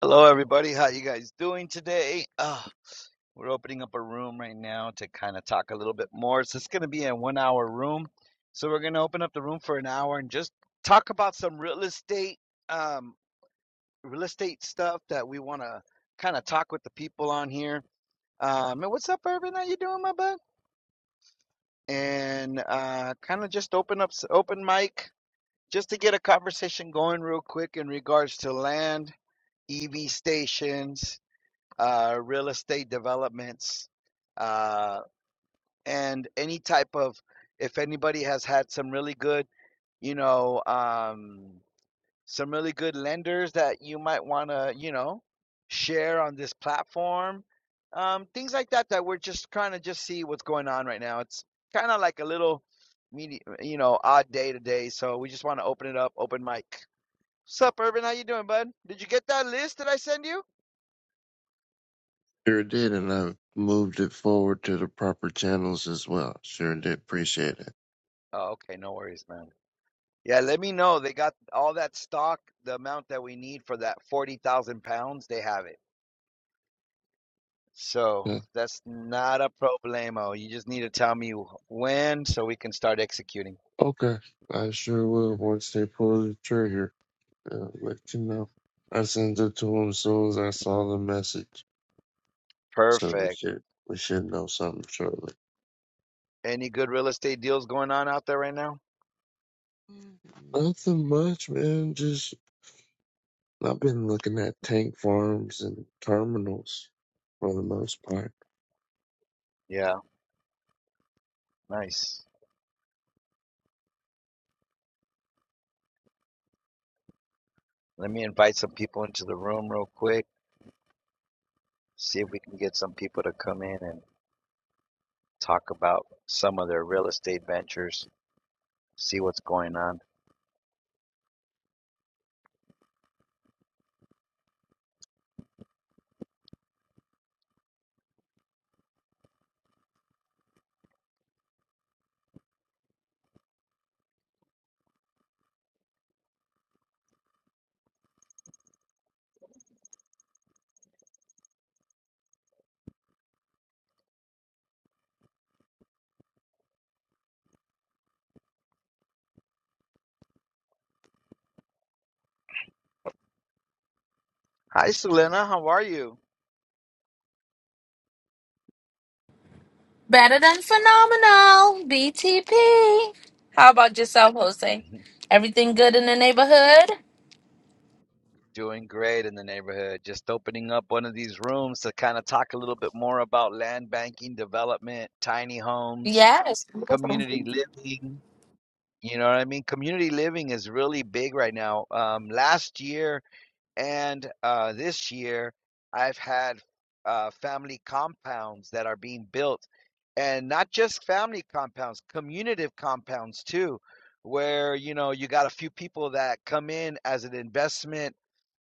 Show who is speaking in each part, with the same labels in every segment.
Speaker 1: Hello, everybody. How you guys doing today? Uh, we're opening up a room right now to kind of talk a little bit more. So it's going to be a one-hour room. So we're going to open up the room for an hour and just talk about some real estate, um, real estate stuff that we want to kind of talk with the people on here. Um, and what's up, Urban? How you doing, my bud? And uh, kind of just open up, open mic, just to get a conversation going real quick in regards to land, EV stations uh, real estate developments, uh, and any type of, if anybody has had some really good, you know, um, some really good lenders that you might want to, you know, share on this platform, um, things like that, that we're just trying to just see what's going on right now. It's kind of like a little, medi- you know, odd day today. So we just want to open it up, open mic. Sup, Urban? How you doing, bud? Did you get that list that I send you?
Speaker 2: Sure did, and i moved it forward to the proper channels as well. Sure did appreciate it.
Speaker 1: Oh, okay, no worries, man. Yeah, let me know. They got all that stock, the amount that we need for that 40,000 pounds, they have it. So
Speaker 2: Yeah.
Speaker 1: that's not a problemo. You just need to tell me when so we can start executing.
Speaker 2: Okay, I sure will once they pull the trigger. Uh, let you know. I sent it to him as soon as I saw the message, so we
Speaker 1: Perfect.
Speaker 2: should we should know something shortly.
Speaker 1: Any good real estate deals going on out there right now?
Speaker 2: Nothing much, man. Just I've been looking at tank farms and terminals for the most part.
Speaker 1: Yeah, nice. Let me invite some people into the room real quick. See if we can get some people to come in and talk about some of their real estate ventures. See what's going on. Hi, Selena. How are you?
Speaker 3: Better than phenomenal. BTP. How about yourself, Jose? Everything good in the neighborhood?
Speaker 1: Doing great in the neighborhood. Just opening up one of these rooms to kind of talk a little bit more about land banking, development, tiny homes,
Speaker 3: Yes.
Speaker 1: community living. You know what I mean? Community living is really big right now. Um, last year and uh, this year, I've had uh, family compounds that are being built, and not just family compounds, community compounds too, where you know you got a few people that come in as an investment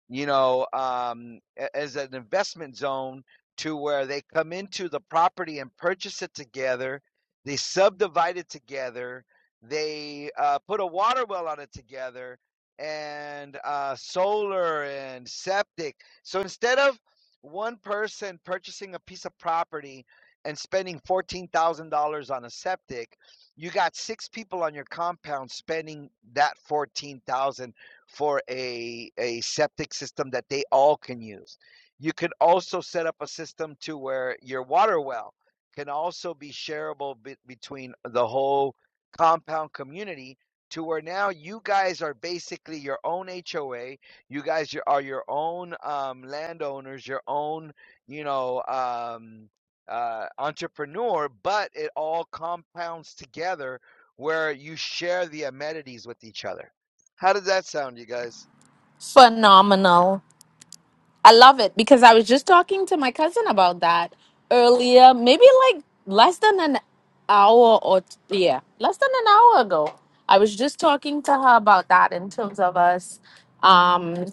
Speaker 1: you know, um, as an investment zone to where they come into the property and purchase it together, they subdivide it together, they uh, put a water well on it together, and uh, solar and septic. So instead of one person purchasing a piece of property and spending $14,000 on a septic, you got six people on your compound spending that 14,000 for a, a septic system that they all can use. You could also set up a system to where your water well can also be shareable be- between the whole compound community to where now you guys are basically your own HOA. You guys your- are your own um, landowners, your own, you know, um, uh, entrepreneur, but it all compounds together where you share the amenities with each other how does that sound, you guys?
Speaker 3: Phenomenal. I love it because I was just talking to my cousin about that earlier, maybe like less than an hour or, yeah, less than an hour ago. I was just talking to her about that in terms of us. Um,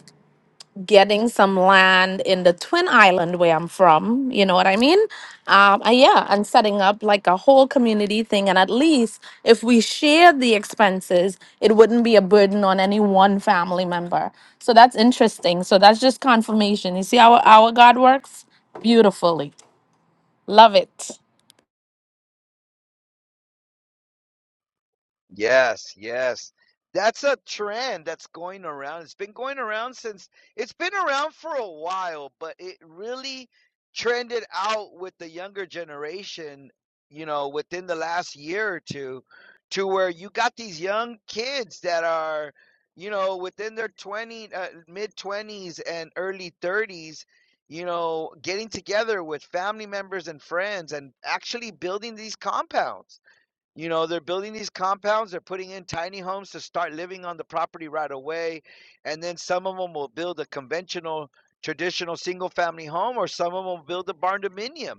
Speaker 3: getting some land in the Twin Island where I'm from. You know what I mean? Um, and yeah, and setting up like a whole community thing. And at least if we shared the expenses, it wouldn't be a burden on any one family member. So that's interesting. So that's just confirmation. You see how our God works beautifully. Love it.
Speaker 1: Yes, yes. That's a trend that's going around. It's been going around since it's been around for a while, but it really trended out with the younger generation, you know, within the last year or two, to where you got these young kids that are, you know, within their 20, uh, mid 20s and early 30s, you know, getting together with family members and friends and actually building these compounds You know, they're building these compounds, they're putting in tiny homes to start living on the property right away. And then some of them will build a conventional, traditional single family home, or some of them will build a barn dominium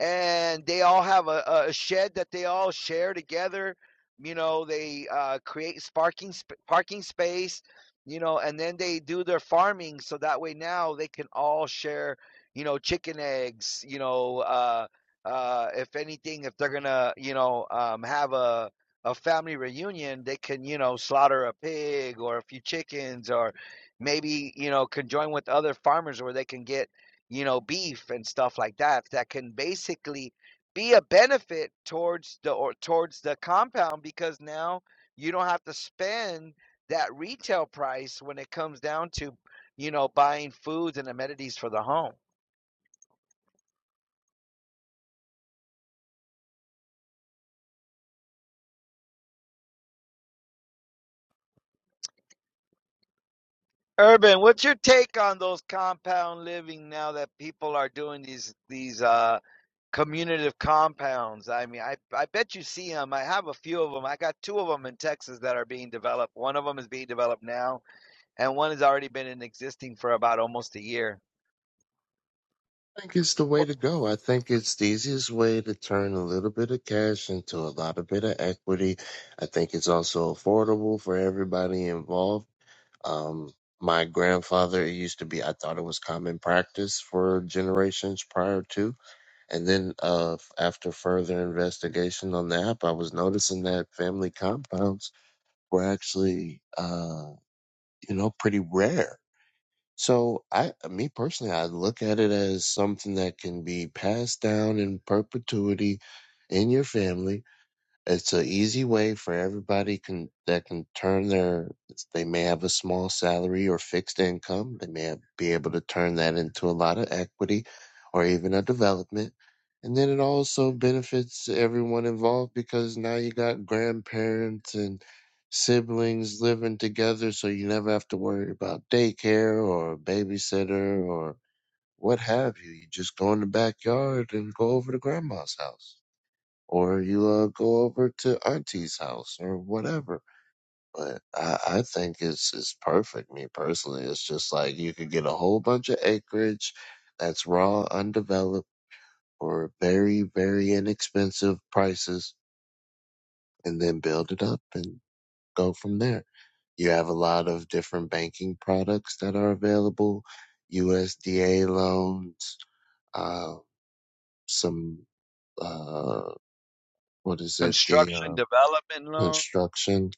Speaker 1: and they all have a, a shed that they all share together. You know, they uh, create parking sp- parking space. You know, and then they do their farming, so that way now they can all share. You know, chicken eggs. You know, uh, uh, if anything, if they're gonna, you know, um, have a a family reunion, they can, you know, slaughter a pig or a few chickens, or maybe, you know, conjoin with other farmers where they can get you know, beef and stuff like that that can basically be a benefit towards the or towards the compound because now you don't have to spend that retail price when it comes down to, you know, buying foods and amenities for the home. Urban, what's your take on those compound living now that people are doing these these uh communitive compounds? I mean, I I bet you see them. I have a few of them. I got two of them in Texas that are being developed. One of them is being developed now and one has already been in existing for about almost a year.
Speaker 2: I think it's the way to go. I think it's the easiest way to turn a little bit of cash into a lot of bit of equity. I think it's also affordable for everybody involved. Um, my grandfather, it used to be, I thought it was common practice for generations prior to. And then uh, after further investigation on the app, I was noticing that family compounds were actually, uh, you know, pretty rare so I, me personally, I look at it as something that can be passed down in perpetuity in your family. It's an easy way for everybody can that can turn their. They may have a small salary or fixed income. They may have, be able to turn that into a lot of equity, or even a development. And then it also benefits everyone involved because now you got grandparents and siblings living together, so you never have to worry about daycare or babysitter or what have you. You just go in the backyard and go over to grandma's house or you uh, go over to auntie's house or whatever. But I, I think it's it's perfect. Me personally, it's just like you could get a whole bunch of acreage that's raw, undeveloped, for very very inexpensive prices, and then build it up and go from there. You have a lot of different banking products that are available, USDA loans, uh, some uh, what is it? The
Speaker 1: Construction
Speaker 2: uh,
Speaker 1: development loan.
Speaker 2: construction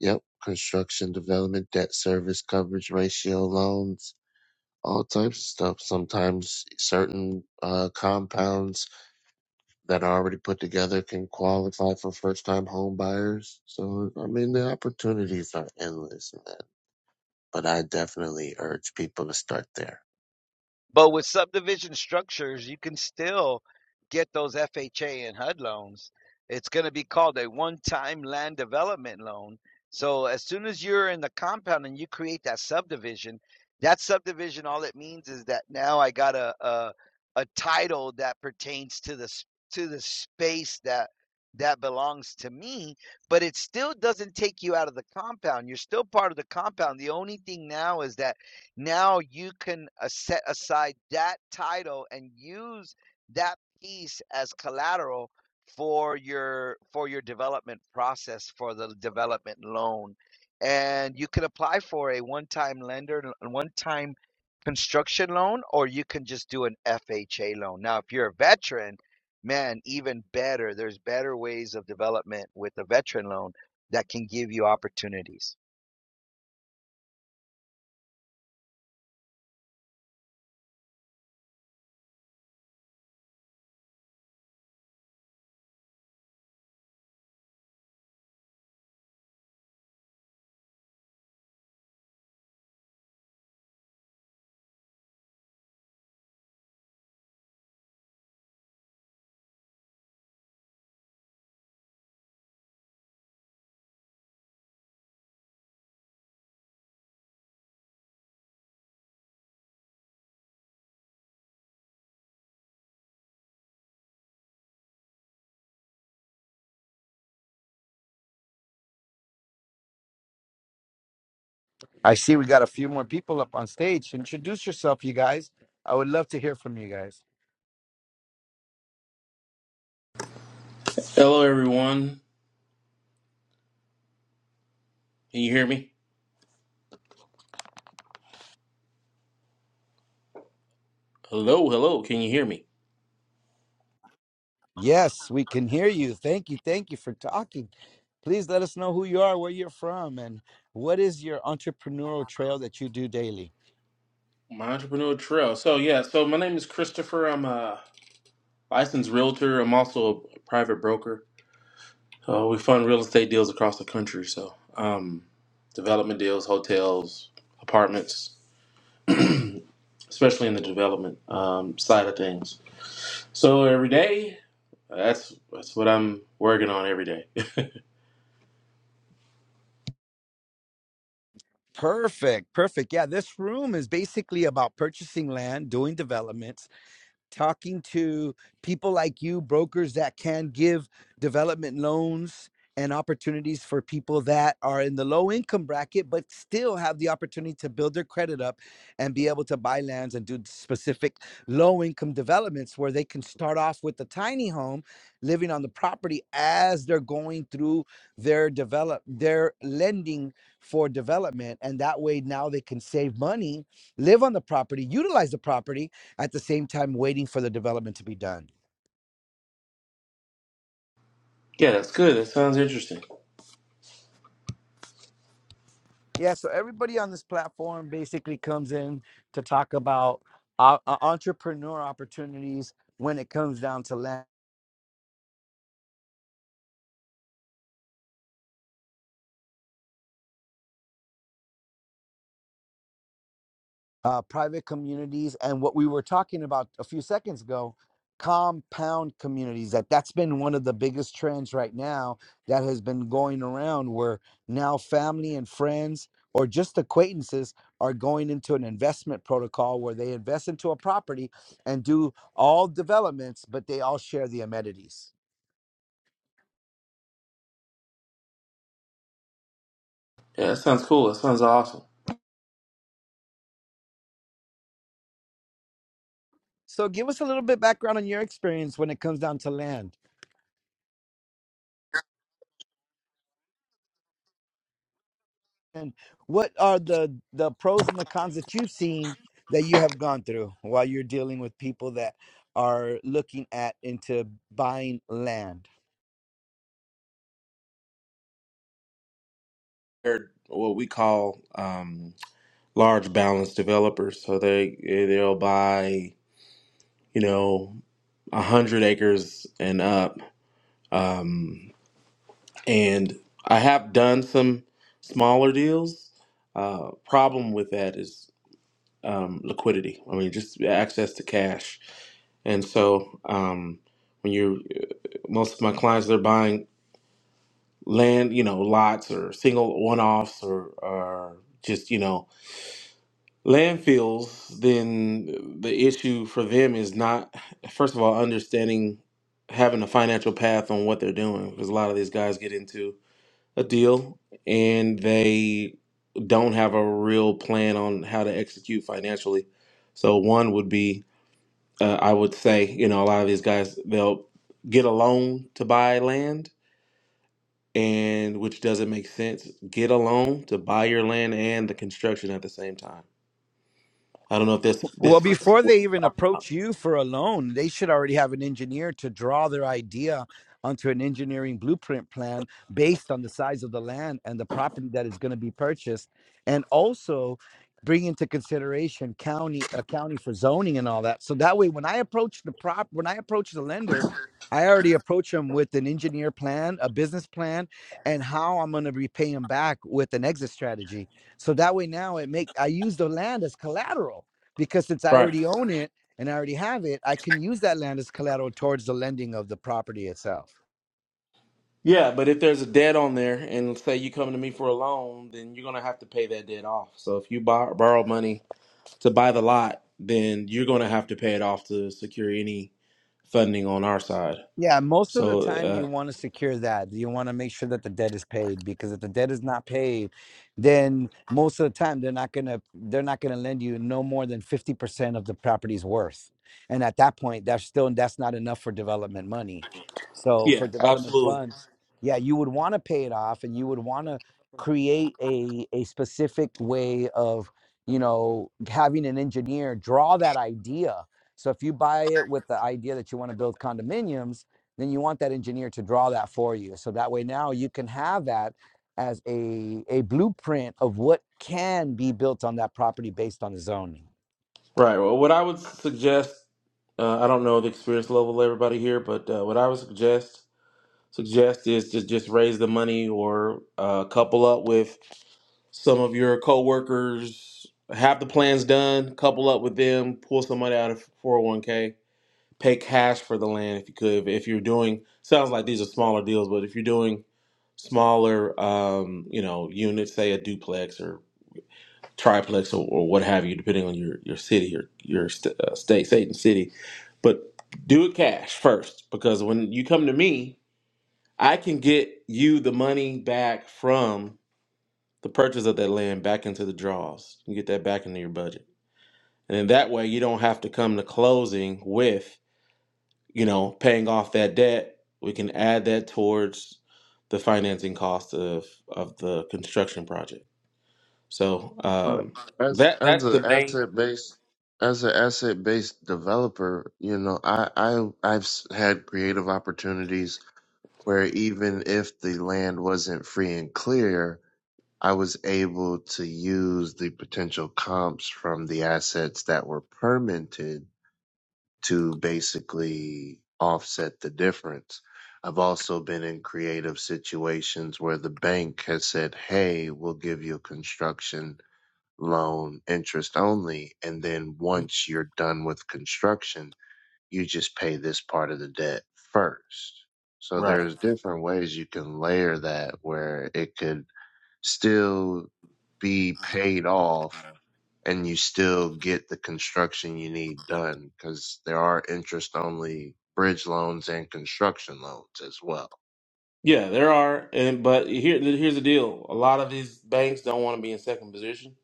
Speaker 2: Yep. Construction, development, debt service, coverage ratio, loans, all types of stuff. Sometimes certain uh, compounds that are already put together can qualify for first time home buyers. So, I mean, the opportunities are endless, man. But I definitely urge people to start there.
Speaker 1: But with subdivision structures, you can still get those FHA and HUD loans. It's going to be called a one time land development loan. So as soon as you're in the compound and you create that subdivision, that subdivision, all it means is that now I got a, a, a title that pertains to the, to the space that that belongs to me, but it still doesn't take you out of the compound. You're still part of the compound. The only thing now is that now you can uh, set aside that title and use that piece as collateral for your for your development process for the development loan and you can apply for a one-time lender a one-time construction loan or you can just do an FHA loan. Now, if you're a veteran, man, even better. There's better ways of development with a veteran loan that can give you opportunities. I see we got a few more people up on stage. Introduce yourself, you guys. I would love to hear from you guys.
Speaker 4: Hello, everyone. Can you hear me? Hello, hello. Can you hear me?
Speaker 1: Yes, we can hear you. Thank you. Thank you for talking. Please let us know who you are, where you're from, and what is your entrepreneurial trail that you do daily.
Speaker 4: My entrepreneur trail. So yeah, so my name is Christopher. I'm a licensed realtor. I'm also a private broker. Uh, we fund real estate deals across the country. So um, development deals, hotels, apartments, especially in the development um, side of things. So every day, that's that's what I'm working on every day.
Speaker 1: Perfect. Perfect. Yeah, this room is basically about purchasing land, doing developments, talking to people like you, brokers that can give development loans and opportunities for people that are in the low income bracket, but still have the opportunity to build their credit up and be able to buy lands and do specific low income developments where they can start off with a tiny home living on the property as they're going through their develop their lending for development and that way now they can save money live on the property utilize the property at the same time waiting for the development to be done.
Speaker 4: yeah, that's good. That sounds interesting.
Speaker 1: Yeah, so everybody on this platform basically comes in to talk about uh, uh, entrepreneur opportunities when it comes down to land. uh, private communities and what we were talking about a few seconds ago compound communities that that's been one of the biggest trends right now that has been going around where now family and friends or just acquaintances are going into an investment protocol where they invest into a property and do all developments but they all share the amenities
Speaker 4: Yeah, that sounds cool. That sounds awesome.
Speaker 1: so give us a little bit background on your experience when it comes down to land And what are the the pros and the cons that you've seen that you have gone through while you're dealing with people that are looking at into buying land?
Speaker 4: They're What we call um, large balance developers. So they eh, they'll buy you know a hundred acres and up. Um, and I have done some smaller deals. Uh, problem with that is um, liquidity. I mean, just access to cash. And so um, when you're most of my clients, they're buying land, you know, lots or single one offs or or just you know landfills, then the issue for them is not, first of all, understanding having a financial path on what they're doing because a lot of these guys get into a deal and they don't have a real plan on how to execute financially. So, one would be, uh, I would say, you know, a lot of these guys, they'll get a loan to buy land. And which doesn't make sense. Get a loan to buy your land and the construction at the same time. I don't know if this
Speaker 1: Well,
Speaker 4: this fits.
Speaker 1: before they even approach you for a loan, they should already have an engineer to draw their idea onto an engineering blueprint plan based on the size of the land and the property that is going to be purchased, and also bring into consideration county a county for zoning and all that. So that way, when I approach the prop, when I approach the lender. I already approach them with an engineer plan, a business plan, and how I'm going to repay them back with an exit strategy. So that way now it make I use the land as collateral because since I
Speaker 4: Right.
Speaker 1: already own it and I already have it, I can use that land as collateral towards the lending of the property itself.
Speaker 4: Yeah, but if there's a debt on there, and say you come to me for a loan, then you're gonna have to pay that debt off. So if you borrow, borrow money to buy the lot, then you're gonna have to pay it off to secure any funding on our side.
Speaker 1: Yeah, most of the
Speaker 4: So
Speaker 1: time you
Speaker 4: uh,
Speaker 1: want to secure that. You want to make sure that the debt is paid because if the debt is not paid, then most of the time they're not gonna they're not gonna lend you no more than fifty percent of the property's worth. And at that point, that's still that's not enough for development money. So for
Speaker 4: yeah,
Speaker 1: development
Speaker 4: absolutely
Speaker 1: funds, yeah, you would want to pay it off, and you would want to create a a specific way of you know having an engineer draw that idea. So if you buy it with the idea that you want to build condominiums then you want that engineer to draw that for you. So that way now you can have that as a, a blueprint of what can be built on that property based on the zoning.
Speaker 4: right. Well, what I would suggest, uh, I don't know the experience level of everybody here, but uh, what I would suggest suggest is to just raise the money or uh, couple up with. Some of your coworkers have the plans done. Couple up with them. Pull some money out of 401k. Pay cash for the land if you could. If you're doing, sounds like these are smaller deals, but if you're doing smaller, um, you know, units, say a duplex or triplex or, or what have you, depending on your your city or your st- uh, state, state and city, but do it cash first because when you come to me, I can get you the money back from the purchase of that land back into the draws. You get that back into your budget. And in that way you don't have to come to closing with, you know, paying off that debt. We can add that towards the financing cost of of the construction project. So
Speaker 2: Right.
Speaker 4: um
Speaker 2: As
Speaker 4: that
Speaker 2: as
Speaker 4: that's
Speaker 2: an
Speaker 4: the main
Speaker 2: asset based as an asset based developer, you know, I I I've s- had creative opportunities where even if the land wasn't free and clear, I was able to use the potential comps from the assets that were permitted to basically offset the difference. I've also been in creative situations where the bank has said, Hey, we'll give you a construction loan interest only. And then once you're done with construction, you just pay this part of the debt first. So
Speaker 4: right.
Speaker 2: there's different ways you can layer that where it could still be paid off and you still get the construction you need done because there are interest only bridge loans and construction loans as well.
Speaker 4: Yeah, there are, and but here here's the deal. A lot of these banks don't want to be in second position,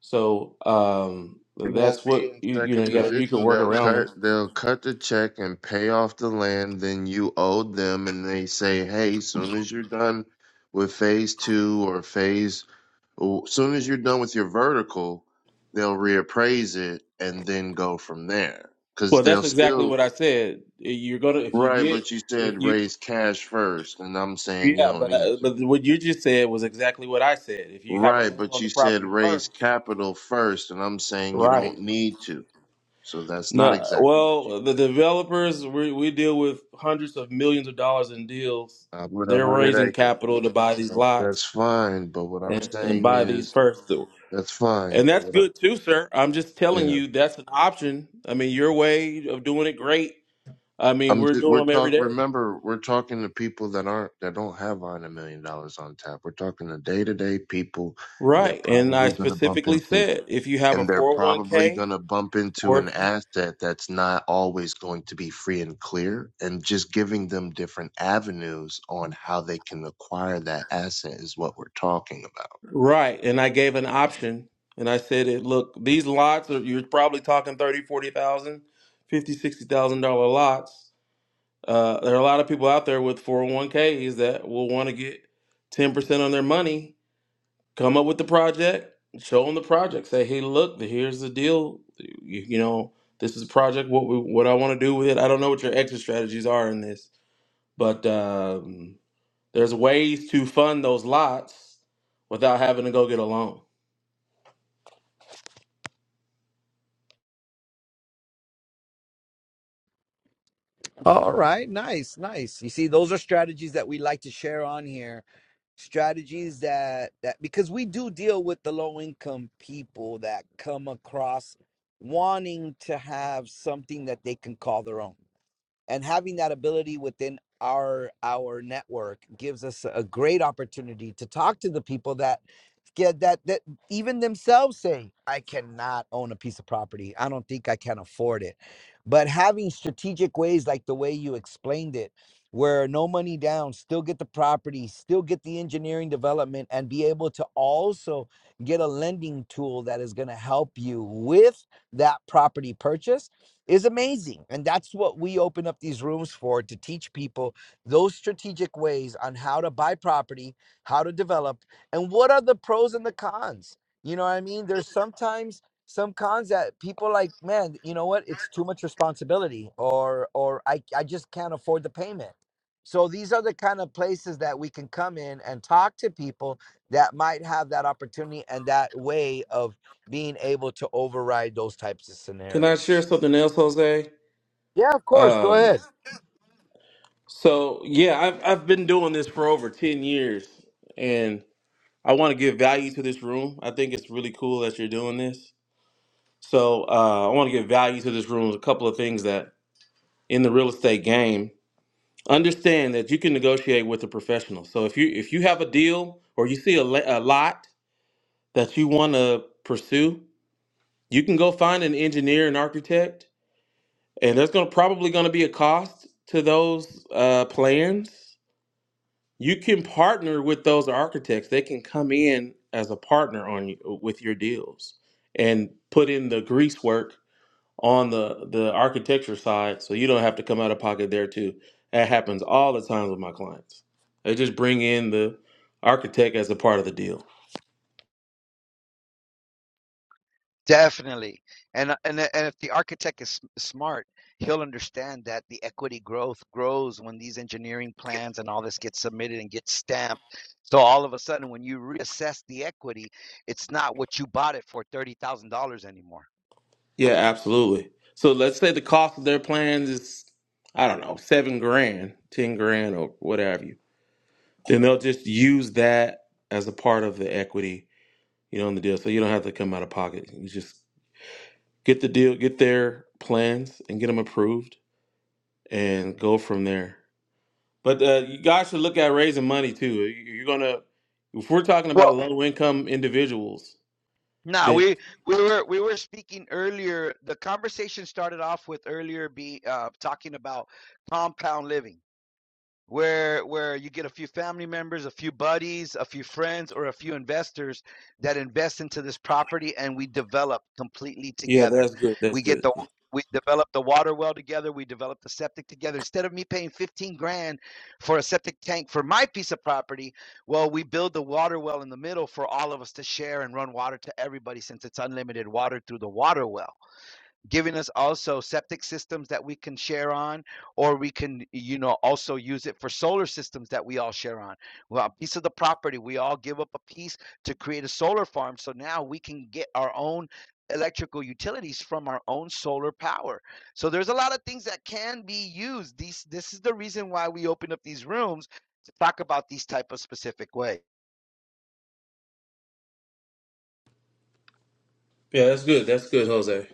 Speaker 4: so um,
Speaker 2: It won't
Speaker 4: that's
Speaker 2: be
Speaker 4: what
Speaker 2: in
Speaker 4: you you know.
Speaker 2: second
Speaker 4: You, gotta, you can
Speaker 2: position.
Speaker 4: work
Speaker 2: They'll
Speaker 4: around that.
Speaker 2: cut they'll cut the check and pay off the land then you owed them and they say, Hey, soon as you're done with phase two or phase Well, soon as you're done with your vertical, they'll reappraise it and then go from there. Cause
Speaker 4: Well,
Speaker 2: they'll
Speaker 4: that's exactly
Speaker 2: still
Speaker 4: what I said. You're gonna if you
Speaker 2: right,
Speaker 4: get
Speaker 2: but you
Speaker 4: if
Speaker 2: said
Speaker 4: you
Speaker 2: raise cash first, and I'm saying you
Speaker 4: yeah,
Speaker 2: don't
Speaker 4: but
Speaker 2: need
Speaker 4: uh,
Speaker 2: to.
Speaker 4: but what you just said was exactly what I said. If you have a
Speaker 2: Right,
Speaker 4: loan
Speaker 2: but
Speaker 4: on the
Speaker 2: you said
Speaker 4: property first,
Speaker 2: raise capital first, and I'm saying you
Speaker 4: right?
Speaker 2: don't need to. So that's not
Speaker 4: No,
Speaker 2: exactly what you
Speaker 4: well, the
Speaker 2: said.
Speaker 4: developers we we deal with hundreds of millions of dollars in deals.
Speaker 2: I'm with a
Speaker 4: They're
Speaker 2: hundred
Speaker 4: raising
Speaker 2: acres.
Speaker 4: capital to buy these
Speaker 2: That- That's
Speaker 4: lots
Speaker 2: fine, but what I'm
Speaker 4: and and
Speaker 2: saying
Speaker 4: buy these
Speaker 2: is
Speaker 4: first,
Speaker 2: that's fine,
Speaker 4: and
Speaker 2: but
Speaker 4: that's
Speaker 2: what I
Speaker 4: good too, sir. I'm just
Speaker 2: yeah.
Speaker 4: telling you that's an option. I mean, your way of doing it, great. I mean,
Speaker 2: I'm
Speaker 4: we're
Speaker 2: just
Speaker 4: doing
Speaker 2: we're
Speaker 4: them every
Speaker 2: talk
Speaker 4: day.
Speaker 2: remember we're talking to people that aren't that don't have on a million dollars on tap. We're talking to day to day people and they're
Speaker 4: Right. And I
Speaker 2: probably gonna bump
Speaker 4: specifically
Speaker 2: into
Speaker 4: said if you have a
Speaker 2: and they're probably
Speaker 4: 401k
Speaker 2: gonna bump into
Speaker 4: or if
Speaker 2: an
Speaker 4: you,
Speaker 2: asset that's not always going to be free and clear and just giving them different avenues on how they can acquire that asset is what we're talking about.
Speaker 4: right, and I gave an option and I said it look, these lots are you're probably talking thirty, forty thousand, fifty, sixty thousand dollar lots. Uh, there are a lot of people out there with 401ks that will want to get 10% on their money, come up with the project, show them the project, say, "Hey, look, here's the deal. You, you know, this is a project what we, what I want to do with it. I don't know what your exit strategies are in this, but um There's ways to fund those lots without having to go get a loan.
Speaker 1: All right, nice, nice. You see, those are strategies that we like to share on here. Strategies that that because we do deal with the low income people that come across wanting to have something that they can call their own. and having that ability within our our network gives us a great opportunity to talk to the people that yeah, that that even themselves say i cannot own a piece of property i don't think i can afford it but having strategic ways like the way you explained it where no money down still get the property still get the engineering development and be able to also get a lending tool that is going to help you with that property purchase is amazing and that's what we open up these rooms for to teach people those strategic ways on how to buy property how to develop and what are the pros and the cons you know what i mean there's sometimes some cons that people like man you know what it's too much responsibility or or i, I just can't afford the payment so these are the kind of places that we can come in and talk to people that might have that opportunity and that way of being able to override those types of
Speaker 4: Can I share
Speaker 1: scenarios
Speaker 4: something else, Jose?
Speaker 1: yeah of course go
Speaker 4: Um,
Speaker 1: ahead
Speaker 4: so yeah, I've I've been doing this for over ten years, and I want to give value to this room. I think it's really cool that you're doing this. So uh, I want to give value to this room. A couple of things that in the real estate game, understand that you can negotiate with a professional. So if you if you have a deal or you see a, le- a lot that you want to pursue, you can go find an engineer and architect and there's going to probably going to be a cost to those uh, plans you can partner with those architects they can come in as a partner on you, uh, with your deals and put in the grease work on the the architecture side so you don't have to come out of pocket there too that happens all the time with my clients they just bring in the architect as a part of the deal
Speaker 1: Definitely. And uh, and uh, and if the architect is sm- smart, he'll understand that the equity growth grows when these engineering plans and all this gets submitted and gets stamped. So all of a sudden when you reassess the equity, it's not what you bought it for $30,000 anymore.
Speaker 4: Yeah, absolutely. So let's say the cost of their plans is, I don't know, seven grand, ten grand, or whatever you. Then they'll just use that as a part of the equity, you know, in the deal. So you don't have to come out of pocket. You just get the deal, get their plans, and get them approved, and go from there. But uh, you guys should look at raising money too. You- You're gonna, if we're talking
Speaker 1: Well,
Speaker 4: about low income individuals,
Speaker 1: Nah,
Speaker 4: then
Speaker 1: we we were we were speaking earlier. The conversation started off with earlier be uh, talking about compound living where where you get a few family members, a few buddies, a few friends, or a few investors that invest into this property, and we develop completely
Speaker 4: yeah,
Speaker 1: together.
Speaker 4: that's good. That's
Speaker 1: We get
Speaker 4: good.
Speaker 1: the we develop the water well together. We develop the septic together. Instead of me paying fifteen grand for a septic tank for my piece of property, well, we build the water well in the middle for all of us to share and run water to everybody, since it's unlimited water through the water well giving us also septic systems that we can share on, or we can, you know, also use it for solar systems that we all share on. Well, a piece of the property, we all give up a piece to create a solar farm. So now we can get our own electrical utilities from our own solar power. So there's a lot of things that can be used. These this is the reason why we open up these rooms to talk about these type of specific ways.
Speaker 4: Yeah, that's good. That's good, Jose.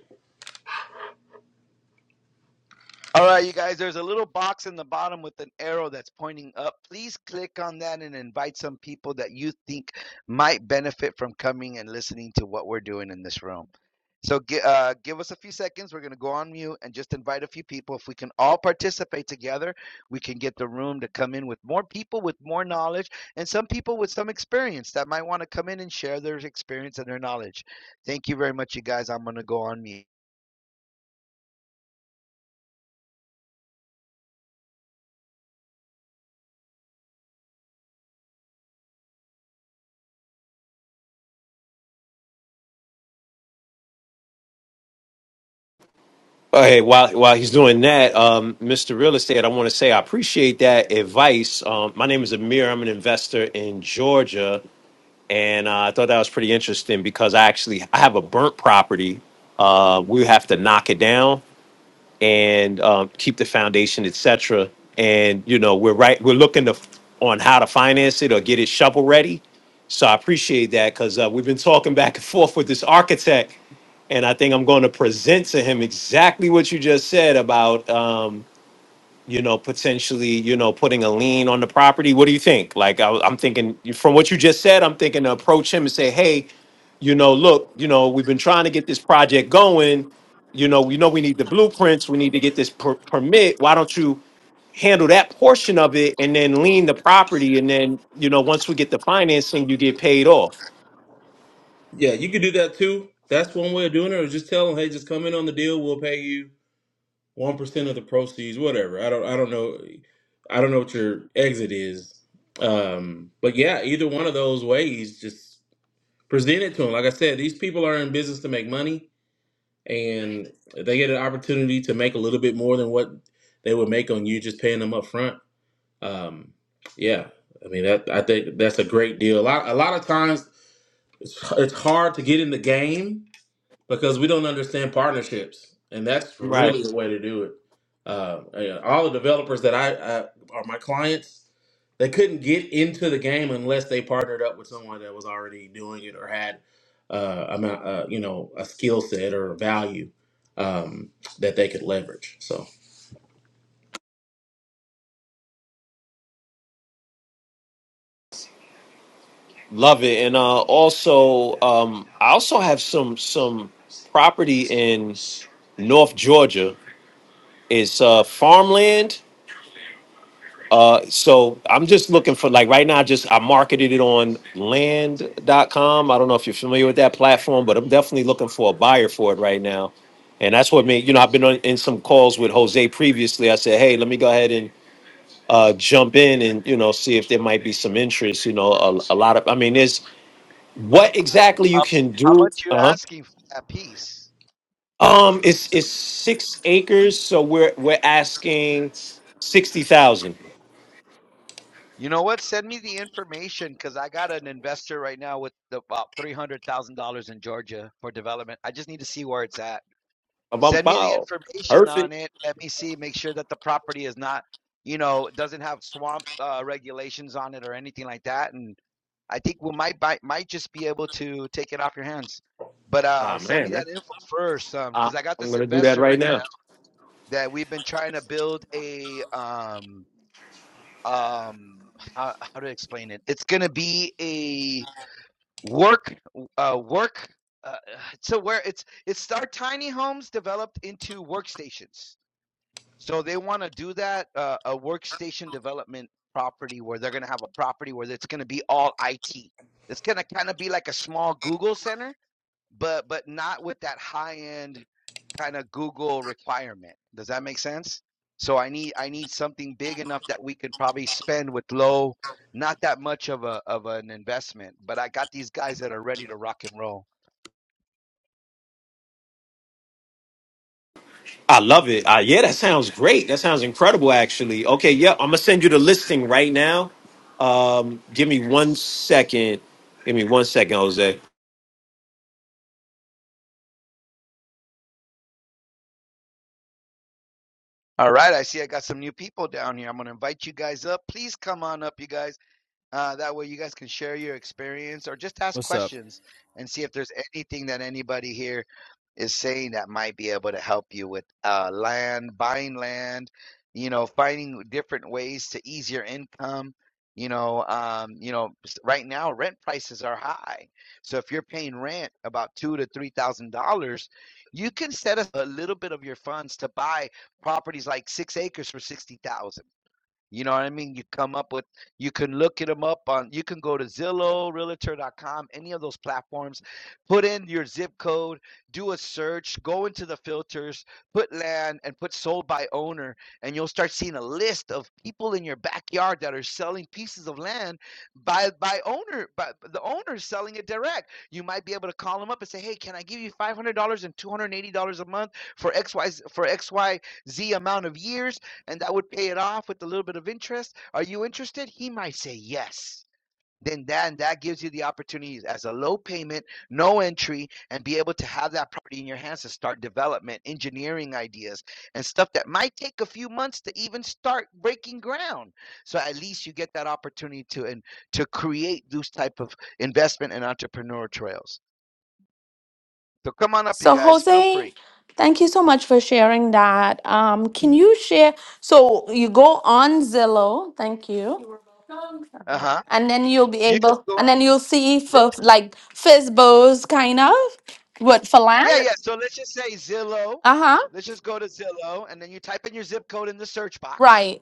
Speaker 1: All right, you guys, there's a little box in the bottom with an arrow that's pointing up. Please click on that and invite some people that you think might benefit from coming and listening to what we're doing in this room. So uh, give us a few seconds. We're going to go on mute and just invite a few people. If we can all participate together, we can get the room to come in with more people with more knowledge and some people with some experience that might want to come in and share their experience and their knowledge. Thank you very much, you guys. I'm going to go on mute.
Speaker 5: Oh, Hey, while while he's doing that, um, Mr. Real Estate, I want to say I appreciate that advice. Um, my name is Amir. I'm an investor in Georgia, and uh, I thought that was pretty interesting because I actually I have a burnt property. Uh, we have to knock it down, and um, keep the foundation, et cetera. And you know, we're right. We're looking to f- on how to finance it or get it shovel ready. So I appreciate that because uh, we've been talking back and forth with this architect, and I think I'm going to present to him exactly what you just said about. Um, you know, potentially, you know, putting a lien on the property. What do you think? Like, I, I'm thinking from what you just said, I'm thinking to approach him and say, hey, you know, look, you know, we've been trying to get this project going. You know, we know we need the blueprints. We need to get this per- permit. Why don't you handle that portion of it and then lean the property? And then, you know, once we get the financing, you get paid off.
Speaker 4: Yeah, you could do that too. That's one way of doing it, or just tell them, hey, just come in on the deal. We'll pay you one percent of the proceeds, whatever. I don't, I don't know, I don't know what your exit is. Um, but yeah, either one of those ways, just present it to them. Like I said, these people are in business to make money, and if they get an opportunity to make a little bit more than what they would make on you just paying them up front. Um, yeah, I mean that. I think that's a great deal. A lot, a lot of times, it's, it's hard to get in the game because we don't understand partnerships, and that's
Speaker 5: Right.
Speaker 4: really the way to do it. Uh, yeah, all the developers that I, I are my clients, they couldn't get into the game unless they partnered up with someone that was already doing it or had uh, amount, uh, you know, a skill set or a value um, that they could leverage. So
Speaker 5: Love it. And uh, also, um, I also have some some property in North Georgia It's uh, farmland. Uh, so I'm just looking for like right now. I Just I marketed it on land.com. I don't know if you're familiar with that platform, but I'm definitely looking for a buyer for it right now. And that's what made you know I've been on, in some calls with Jose previously. I said, hey, let me go ahead and uh, jump in and you know see if there might be some interest. You know, a, a lot of I mean, there's what exactly you
Speaker 1: How,
Speaker 5: can
Speaker 1: how
Speaker 5: do.
Speaker 1: much are you
Speaker 5: Uh huh.
Speaker 1: asking for that piece?
Speaker 5: Um, it's it's six acres, so we're we're asking sixty thousand.
Speaker 1: You know what? Send me the information because I got an investor right now with the- about three hundred thousand dollars in Georgia for development. I just need to see where it's at.
Speaker 5: If I'm
Speaker 1: Send me the
Speaker 5: foul,
Speaker 1: information on
Speaker 5: perfect.
Speaker 1: it. Let me see. Make sure that the property is not, you know, doesn't have swamp uh, regulations on it or anything like that. And I think we might buy, might just be able to take it off your hands. But uh,
Speaker 5: Ah
Speaker 1: send me
Speaker 5: man, that,
Speaker 1: that info first, um,
Speaker 5: I,
Speaker 1: because um, I got
Speaker 5: I'm
Speaker 1: this
Speaker 5: gonna do that
Speaker 1: investor
Speaker 5: right
Speaker 1: right
Speaker 5: now.
Speaker 1: now that we've been trying to build a um um how, how to explain it it's gonna be a work uh work uh, so where it's it's our tiny homes developed into workstations so they want to do that uh, a workstation development property where they're gonna have a property where it's gonna be all it it's gonna kind of be like a small google center but but not with that high end kind of Google requirement. Does that make sense? So I need I need something big enough that we could probably spend with low, not that much of a of an investment. But I got these guys that are ready to rock and roll.
Speaker 5: I love it. Uh, yeah, that sounds great. That sounds incredible, actually. Okay, yeah, I'm gonna send you the listing right now. Um, give me one second. Give me one second, Jose.
Speaker 1: All right, I see I got some new people down here. I'm gonna invite you guys up. Please come on up, you guys. Uh, that way, you guys can share your experience or just ask
Speaker 6: What's up?
Speaker 1: questions and see if there's anything that anybody here is saying that might be able to help you with uh, land, buying land, you know, finding different ways to ease your income. You know, um, you know, s- right now rent prices are high. So if you're paying rent about two to three thousand dollars, you can set a a little bit of your funds to buy properties like six acres for sixty thousand you know what I mean? You come up with, you can look it them up on, you can go to Zillow, Realtor. dot com, any of those platforms, put in your zip code, do a search, go into the filters, put land and put sold by owner, and you'll start seeing a list of people in your backyard that are selling pieces of land by by owner, by by the owner selling it direct. You might be able to call them up and say, hey, can I give you $500 and $280 a month for XY, for XYZ amount of years? and I would pay it off with a little bit of interest. Are you interested? He might say yes. Then that and that gives you the opportunity as a low payment, no entry, and be able to have that property in your hands to start development, engineering ideas, and stuff that might take a few months to even start breaking ground. So at least you get that opportunity to and to create those type of investment and entrepreneur trails. So come on up, you
Speaker 3: So
Speaker 1: guys. Feel
Speaker 3: Jose,
Speaker 1: free.
Speaker 3: thank you so much for sharing that. Um, can you share? So you go on Zillow. Thank you
Speaker 1: Uh huh.
Speaker 3: and then you'll be
Speaker 1: You can
Speaker 3: able
Speaker 1: go
Speaker 3: and
Speaker 1: on.
Speaker 3: then you'll see for like bows kind of what for
Speaker 1: Yeah,
Speaker 3: land
Speaker 1: yeah. So let's just say Zillow.
Speaker 3: uh-huh
Speaker 1: Let's just go to Zillow and then you type in your zip code in the search box.
Speaker 3: right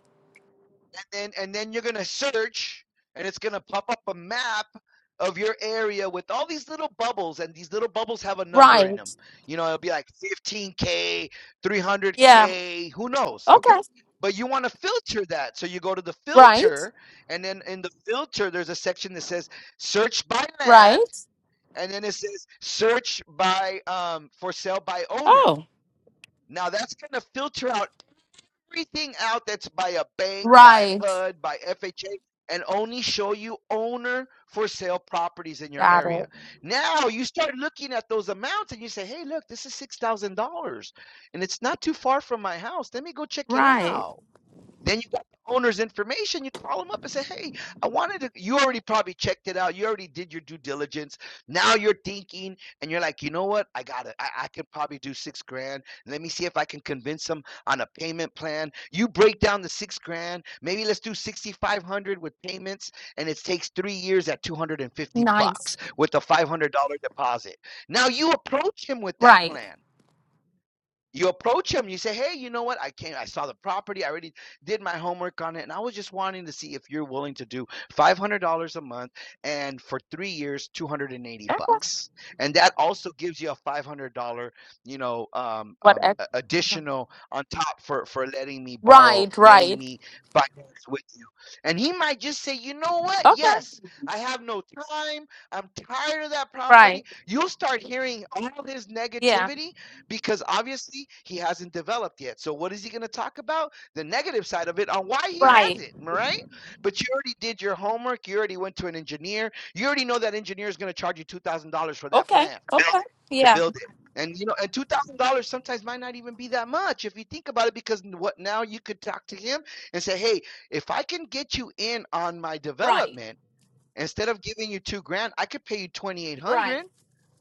Speaker 1: And then and then you're gonna search and it's gonna pop up a map of your area with all these little bubbles and these little bubbles have a number in them.
Speaker 3: right
Speaker 1: You know, it'll be like 15K,
Speaker 3: yeah
Speaker 1: 300K, who knows, okay?
Speaker 3: okay
Speaker 1: But you want to filter that. So you go to the
Speaker 3: right
Speaker 1: filter and then in the filter there's a section that says search by land
Speaker 3: right
Speaker 1: and then it says search by um for sale by owner.
Speaker 3: oh
Speaker 1: Now that's gonna filter out everything out that's by a bank, by
Speaker 3: right
Speaker 1: HUD, by FHA, and only show you owner for sale properties in your
Speaker 3: got
Speaker 1: area.
Speaker 3: it
Speaker 1: Now you start looking at those amounts and you say, hey, look, this is six thousand dollars and it's not too far from my house. Let me go check it
Speaker 3: right
Speaker 1: out. Then you got the owner's information. You call them up and say, "Hey, I wanted to." You already probably checked it out. You already did your due diligence. Now you're thinking, and you're like, "You know what? I got it. I, I can probably do six grand. Let me see if I can convince them on a payment plan." You break down the six grand. Maybe let's do sixty five hundred with payments, and it takes three years at two hundred and fifty bucks
Speaker 3: nice
Speaker 1: with a five hundred dollar deposit. Now you approach him with that
Speaker 3: right
Speaker 1: plan you approach him. you say hey you know what i came i saw the property i already did my homework on it and i was just wanting to see if you're willing to do $500 a month and for three years 280
Speaker 3: okay
Speaker 1: bucks and that also gives you a $500 you know um,
Speaker 3: what
Speaker 1: um, a-
Speaker 3: extra
Speaker 1: additional on top for for letting me borrow
Speaker 3: right
Speaker 1: letting
Speaker 3: right
Speaker 1: me finance with you and he might just say you know what
Speaker 3: okay
Speaker 1: yes i have no time i'm tired of that
Speaker 3: right
Speaker 1: property you'll start hearing all his
Speaker 3: yeah
Speaker 1: negativity because obviously he hasn't developed yet. So what is he going to talk about? The negative side of it on why he has
Speaker 3: right
Speaker 1: it, right? But you already did your homework. You already went to an engineer. You already know that engineer is going to charge you two thousand dollars for that
Speaker 3: okay
Speaker 1: plan
Speaker 3: okay
Speaker 1: to
Speaker 3: yeah
Speaker 1: build it. And you know, and two thousand dollars sometimes might not even be that much if you think about it, because what now you could talk to him and say, Hey, if I can get you in on my
Speaker 3: right
Speaker 1: development, instead of giving you two grand, I could pay you twenty eight
Speaker 3: right
Speaker 1: hundred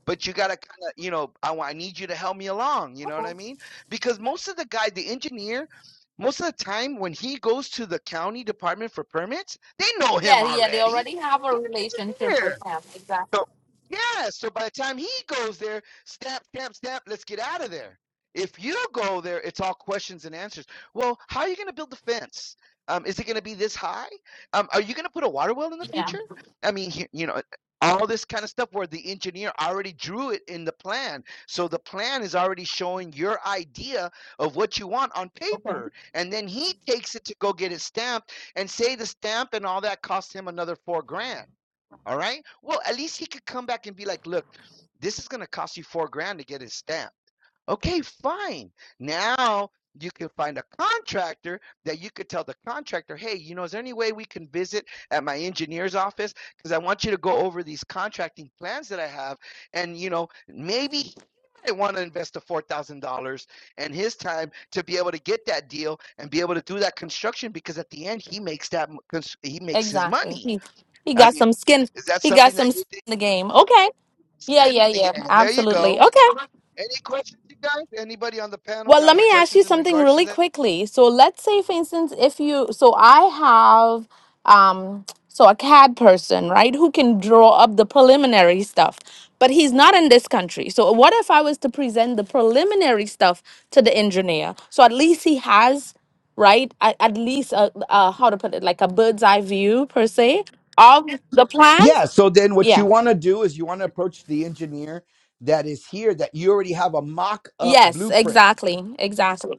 Speaker 1: but you gotta kind of, you know, I, I need you to help me along. You know what I
Speaker 3: okay.
Speaker 1: mean? Because most of the guy, the engineer, most of the time when he goes to the county department for permits, they know
Speaker 3: yeah
Speaker 1: him
Speaker 3: yeah they
Speaker 1: already.
Speaker 3: already have a
Speaker 1: He's an
Speaker 3: relationship
Speaker 1: engineer.
Speaker 3: with him exactly
Speaker 1: So yeah, so by the time he goes there, stamp, stamp, stamp, let's get out of there. If you go there, it's all questions and answers. Well, how are you going to build the fence? Um, is it going to be this high? Um, are you going to put a water well in the
Speaker 3: yeah
Speaker 1: future? I mean, he- you know, all this kind of stuff where the engineer already drew it in the plan. So the plan is already showing your idea of what you want on
Speaker 3: okay
Speaker 1: paper. And then he takes it to go get it stamped and say the stamp and all that cost him another four grand. All right. Well, at least he could come back and be like, look, this is going to cost you four grand to get his stamp. Okay, fine. Now you can find a contractor that you could tell the contractor, hey, you know, is there any way we can visit at my engineer's office? Because I want you to go over these contracting plans that I have. And, you know, maybe I want to invest the $4,000 and his time to be able to get that deal and be able to do that construction because at the end he makes that he makes his
Speaker 3: Exactly.
Speaker 1: money
Speaker 3: He he
Speaker 1: I
Speaker 3: got
Speaker 1: mean,
Speaker 3: some skin.
Speaker 1: is that
Speaker 3: He got
Speaker 1: something that
Speaker 3: some
Speaker 1: you
Speaker 3: skin
Speaker 1: think?
Speaker 3: in the game. Okay. Yeah,
Speaker 1: Skin
Speaker 3: yeah,
Speaker 1: in the
Speaker 3: yeah.
Speaker 1: game. There you
Speaker 3: Absolutely.
Speaker 1: go.
Speaker 3: Okay.
Speaker 1: Any questions, you guys? Anybody on the panel
Speaker 3: Well,
Speaker 1: got
Speaker 3: let
Speaker 1: any
Speaker 3: me ask you
Speaker 1: questions in
Speaker 3: something
Speaker 1: regards to
Speaker 3: really
Speaker 1: that?
Speaker 3: quickly. So let's say, for instance, if you so I have um so a CAD person, right, who can draw up the preliminary stuff, but he's not in this country. So what if I was to present the preliminary stuff to the engineer? So at least he has right? At, at least a, a how to put it, like a bird's eye view per se of the plan.
Speaker 1: Yeah. So then what
Speaker 3: Yeah.
Speaker 1: you want to do is you want to approach the engineer that is here that you already have a mock up
Speaker 3: Yes,
Speaker 1: blueprint.
Speaker 3: exactly. Exactly.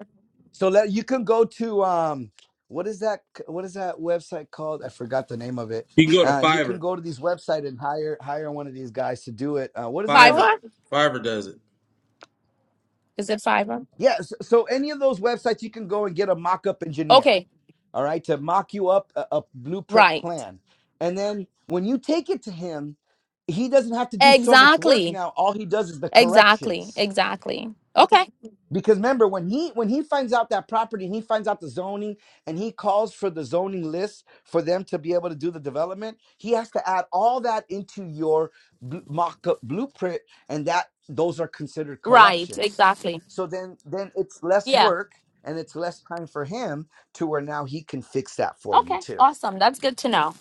Speaker 1: So let you can go to um what is that what is that website called? I forgot the name of it.
Speaker 4: you can go to
Speaker 1: Uh, you can
Speaker 4: Fiverr.
Speaker 1: go to these website and hire hire one of these guys to do it. Uh, what is it called?
Speaker 4: Fiverr,
Speaker 3: Fiverr?
Speaker 4: Fiverr does it.
Speaker 3: Is it Fiverr?
Speaker 1: Yeah. So, so any of those websites you can go and get a mock up engineer.
Speaker 3: Okay.
Speaker 1: all right, to mock you up a, a blueprint
Speaker 3: Right.
Speaker 1: plan. And then when you take it to him, he doesn't have to do so much work
Speaker 3: Exactly.
Speaker 1: now. All he does is the
Speaker 3: Exactly.
Speaker 1: corrections.
Speaker 3: Exactly. Okay.
Speaker 1: Because remember when he when he finds out that property and he finds out the zoning and he calls for the zoning list for them to be able to do the development, he has to add all that into your bl- mock-up blueprint and that those are considered
Speaker 3: Right.
Speaker 1: corrections.
Speaker 3: Exactly.
Speaker 1: So then then it's less
Speaker 3: Yeah.
Speaker 1: work and it's less time for him to where now he can fix that for you
Speaker 3: Okay.
Speaker 1: too.
Speaker 3: Awesome. That's good to know.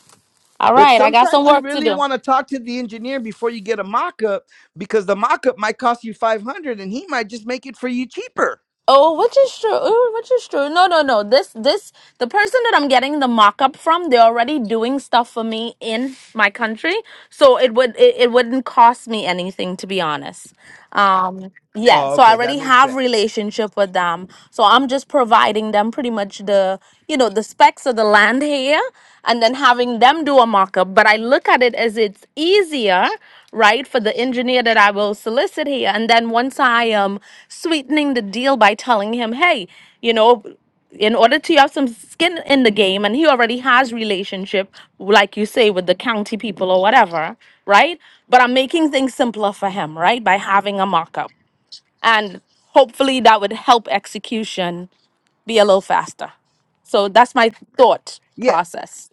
Speaker 3: All
Speaker 1: But
Speaker 3: right. I got some
Speaker 1: sometimes you
Speaker 3: work to
Speaker 1: really
Speaker 3: do.
Speaker 1: want to talk to the engineer before you get a mock-up because the mock-up might cost you 500 and he might just make it for you cheaper.
Speaker 3: Oh, which is true. Oh, which is true. No, no, no. This, this, the person that I'm getting the mock-up from, they're already doing stuff for me in my country, so it would, it, it wouldn't cost me anything, to be honest. Um, yeah.
Speaker 1: Oh,
Speaker 3: So I
Speaker 1: okay, that
Speaker 3: already
Speaker 1: makes
Speaker 3: have
Speaker 1: sense.
Speaker 3: relationship with them, so I'm just providing them pretty much the, you know, the specs of the land here, and then having them do a mock-up. But I look at it as it's easier right for the engineer that i will solicit here and then once i am sweetening the deal by telling him hey you know in order to have some skin in the game and he already has relationship like you say with the county people or whatever right but i'm making things simpler for him right by having a mock-up and hopefully that would help execution be a little faster so that's my thought
Speaker 1: Yeah,
Speaker 3: process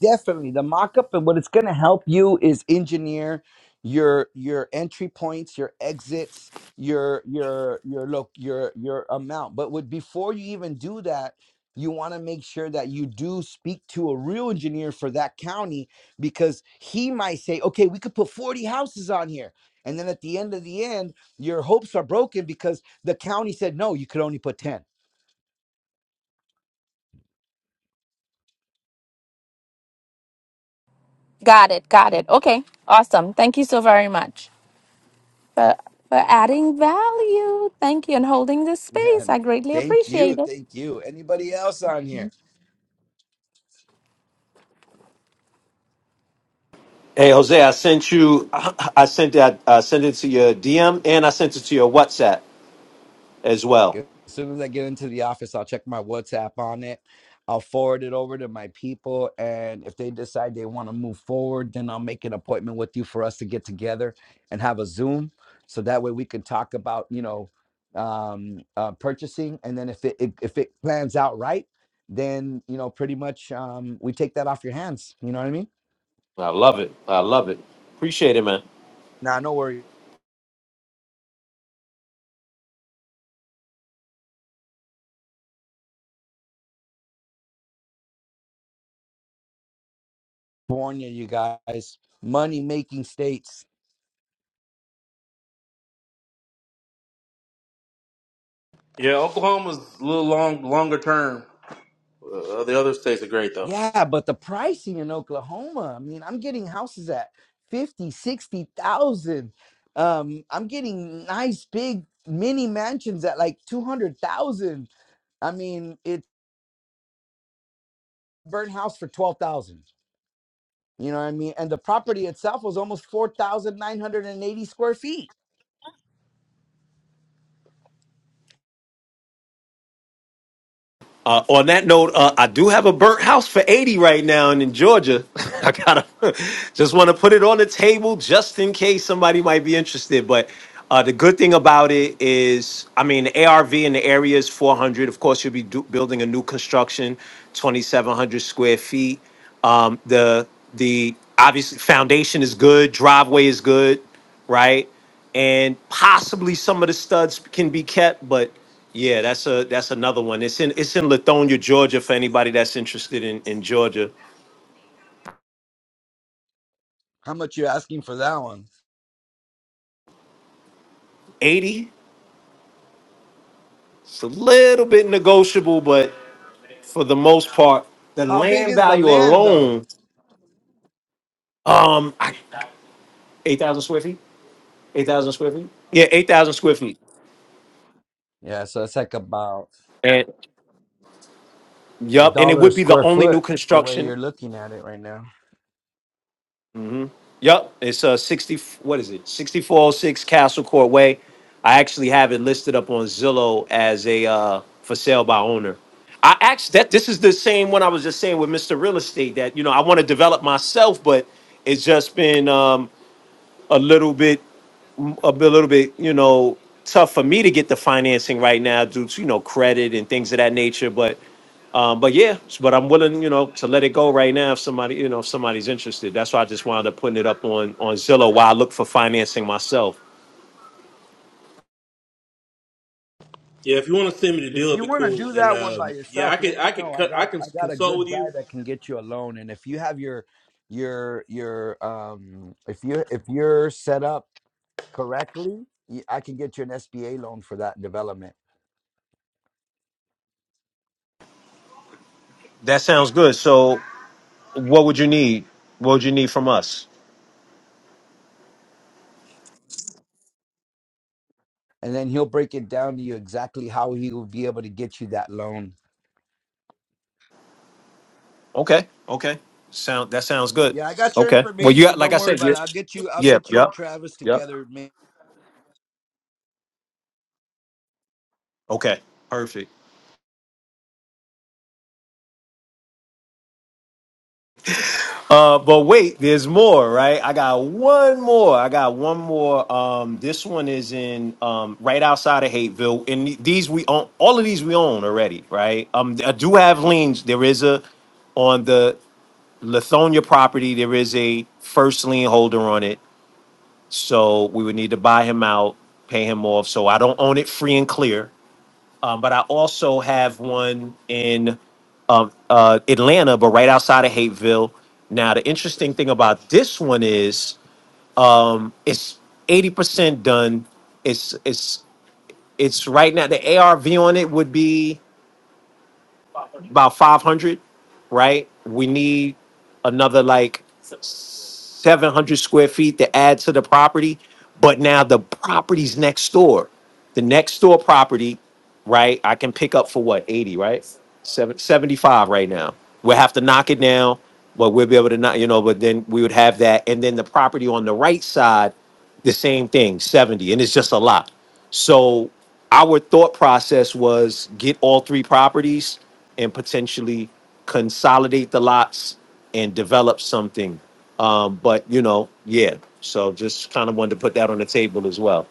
Speaker 1: definitely. The mock-up and what it's going to help you is engineer your your entry points, your exits, your your your look, your your amount. But what before you even do that, you want to make sure that you do speak to a real engineer for that county because he might say, "Okay, we could put 40 houses on here." And then at the end of the end, your hopes are broken because the county said, "No, you could only put 10."
Speaker 3: got it got it okay awesome thank you so very much for, for adding value. Thank you and holding this
Speaker 1: Yeah.
Speaker 3: space.
Speaker 1: and
Speaker 3: I greatly
Speaker 1: Thank you.
Speaker 3: appreciate it.
Speaker 1: Thank you. Anybody else on here?
Speaker 5: Hey, Jose, I sent you. I, I sent that. I sent it to your DM and I sent it to your WhatsApp as well.
Speaker 1: As soon as I get into the office, I'll check my WhatsApp on it. I'll forward it over to my people. And if they decide they want to move forward, then I'll make an appointment with you for us to get together and have a Zoom. So that way we can talk about, you know, um uh purchasing and then if it if if it plans out right then you know pretty much um we take that off your hands you know what i mean
Speaker 5: I love it. I love it. Appreciate it, man.
Speaker 1: now i know we're california you guys money making states
Speaker 4: Yeah, Oklahoma's a little long, longer term. Uh, the other states are great though.
Speaker 1: Yeah, but the pricing in Oklahoma, I mean, I'm getting houses at fifty, sixty thousand. Um, I'm getting nice big mini mansions at like 200,000. I mean, it burnt house for 12,000. You know what I mean? And the property itself was almost 4,980 square feet.
Speaker 5: Uh, on that note, uh, I do have a burnt house for 80 right now and in Georgia. I gotta just want to put it on the table just in case somebody might be interested. But uh, the good thing about it is, I mean, the ARV in the area is 400. Of course, you'll be do- building a new construction, 2,700 square feet. Um, the the obviously foundation is good, driveway is good, right? and possibly some of the studs can be kept, but yeah, that's a that's another one. It's in it's in Lithonia, Georgia, for anybody that's interested in in Georgia.
Speaker 1: How much you asking for that one?
Speaker 5: 80, it's a little bit negotiable, but for the most part, the
Speaker 1: How big
Speaker 5: land
Speaker 1: is the
Speaker 5: value
Speaker 1: land though?
Speaker 5: alone, um, I- 8,000 square feet, 8,000 square feet, yeah, 8,000 square feet,
Speaker 1: Yeah, so it's like about
Speaker 5: and
Speaker 1: a
Speaker 5: yep, and it
Speaker 1: dollar a
Speaker 5: would be the
Speaker 1: square
Speaker 5: only new
Speaker 1: foot the way you're
Speaker 5: construction
Speaker 1: looking at it right now.
Speaker 5: Yep, it's uh sixty. What is it? Sixty four oh six Castle Court Way. I actually have it listed up on Zillow as a uh for sale by owner. I actually that this is the same one I was just saying with Mr. Real Estate that you know I want to develop myself, but it's just been um a little bit a bit- little bit, you know, tough for me to get the financing right now due to, you know, credit and things of that nature. But um, but yeah, but I'm willing, you know, to let it go right now if somebody, you know, if somebody's interested. That's why I just wound up putting it up on on Zillow while I look for financing myself.
Speaker 4: Yeah, if you want to send me the
Speaker 1: If
Speaker 4: deal, it'd
Speaker 1: you
Speaker 4: be
Speaker 1: want to
Speaker 4: cool.
Speaker 1: do
Speaker 4: And
Speaker 1: that one by
Speaker 4: um, yeah,
Speaker 1: yourself,
Speaker 4: I
Speaker 1: let
Speaker 4: could
Speaker 1: me
Speaker 4: I could
Speaker 1: know. I
Speaker 4: cut
Speaker 1: got
Speaker 4: I
Speaker 1: a,
Speaker 4: can
Speaker 1: I got a
Speaker 4: consult
Speaker 1: good
Speaker 4: with
Speaker 1: guy
Speaker 4: you
Speaker 1: that can get you a loan. And if you have your your your um if you if you're set up correctly, y- I can get you an SBA loan for that development.
Speaker 5: That sounds good. So what would you need? What would you need from us?
Speaker 1: And then he'll break it down to you exactly how he will be able to get you that loan.
Speaker 5: Okay. Okay. Sound that sounds good.
Speaker 1: Yeah, I got your
Speaker 5: Okay. Well, you
Speaker 1: information.
Speaker 5: like
Speaker 1: Don't
Speaker 5: I
Speaker 1: worry
Speaker 5: said,
Speaker 1: about
Speaker 5: you
Speaker 1: it. I'll get you. I'll
Speaker 5: yeah,
Speaker 1: get you
Speaker 5: yep,
Speaker 1: and Travis
Speaker 5: yep.
Speaker 1: together, man.
Speaker 5: Okay. Perfect. Uh, but wait, there's more, right? I got one more. I got one more. Um, this one is in um, right outside of Hateville, and these we own. All of these we own already, right? Um, I do have liens. There is a on the Lithonia property. There is a first lien holder on it, so we would need to buy him out, pay him off. So I don't own it free and clear. Um, but I also have one in um, uh, Atlanta, but right outside of Hateville. Now, the interesting thing about this one is it's 80% done. It's it's it's right now the ARV on it would be about 500 right we need another like 700 square feet to add to the property but now the property's next door the next door property right i can pick up for what 80 right Seven seventy-five, right now we'll have to knock it down but we'll be able to not you know but then we would have that and then the property on the right side the same thing 70 and it's just a lot so our thought process was get all three properties and potentially consolidate the lots and develop something um but you know yeah so just kind of wanted to put that on the table as well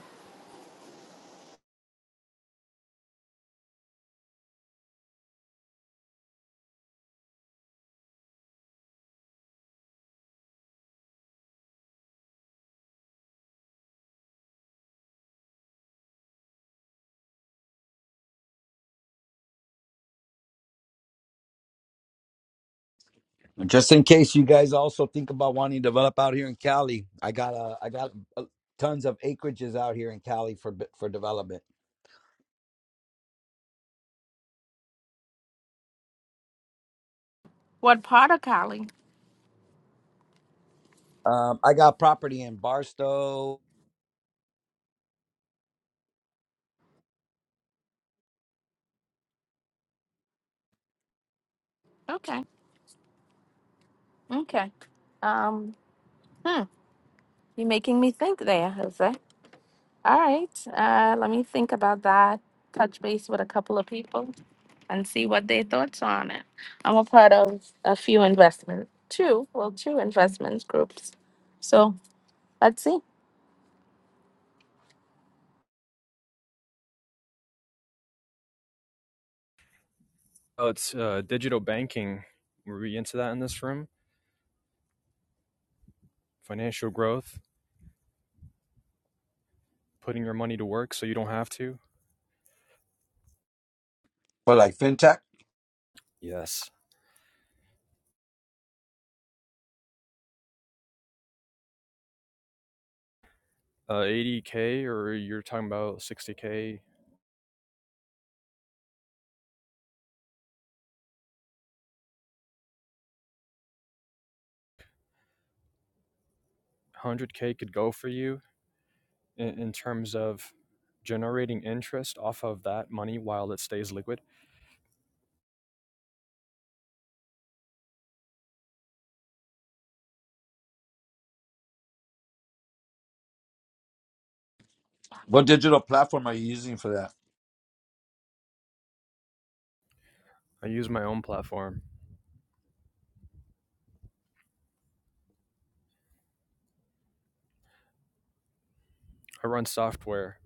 Speaker 1: Just in case you guys also think about wanting to develop out here in Cali, I got uh, I got uh, tons of acreages out here in Cali for bu- for development.
Speaker 3: What part of Cali?
Speaker 1: Um, I got property in Barstow.
Speaker 3: Okay. Okay. Um, hmm. You're making me think there, Jose. All right. Uh, let me think about that. Touch base with a couple of people and see what their thoughts are on it. I'm a part of a few investment, two, well, two investments groups. So let's see.
Speaker 6: Oh, it's uh, digital banking. Were we into that in this room? Financial growth, putting your money to work so you don't have to.
Speaker 1: For like fintech?
Speaker 6: Yes. Uh, 80k, or you're talking about 60k, 100k could go for you in, in terms of generating interest off of that money while it stays liquid.
Speaker 1: What digital platform are you using for that?
Speaker 6: I use my own platform. I run software.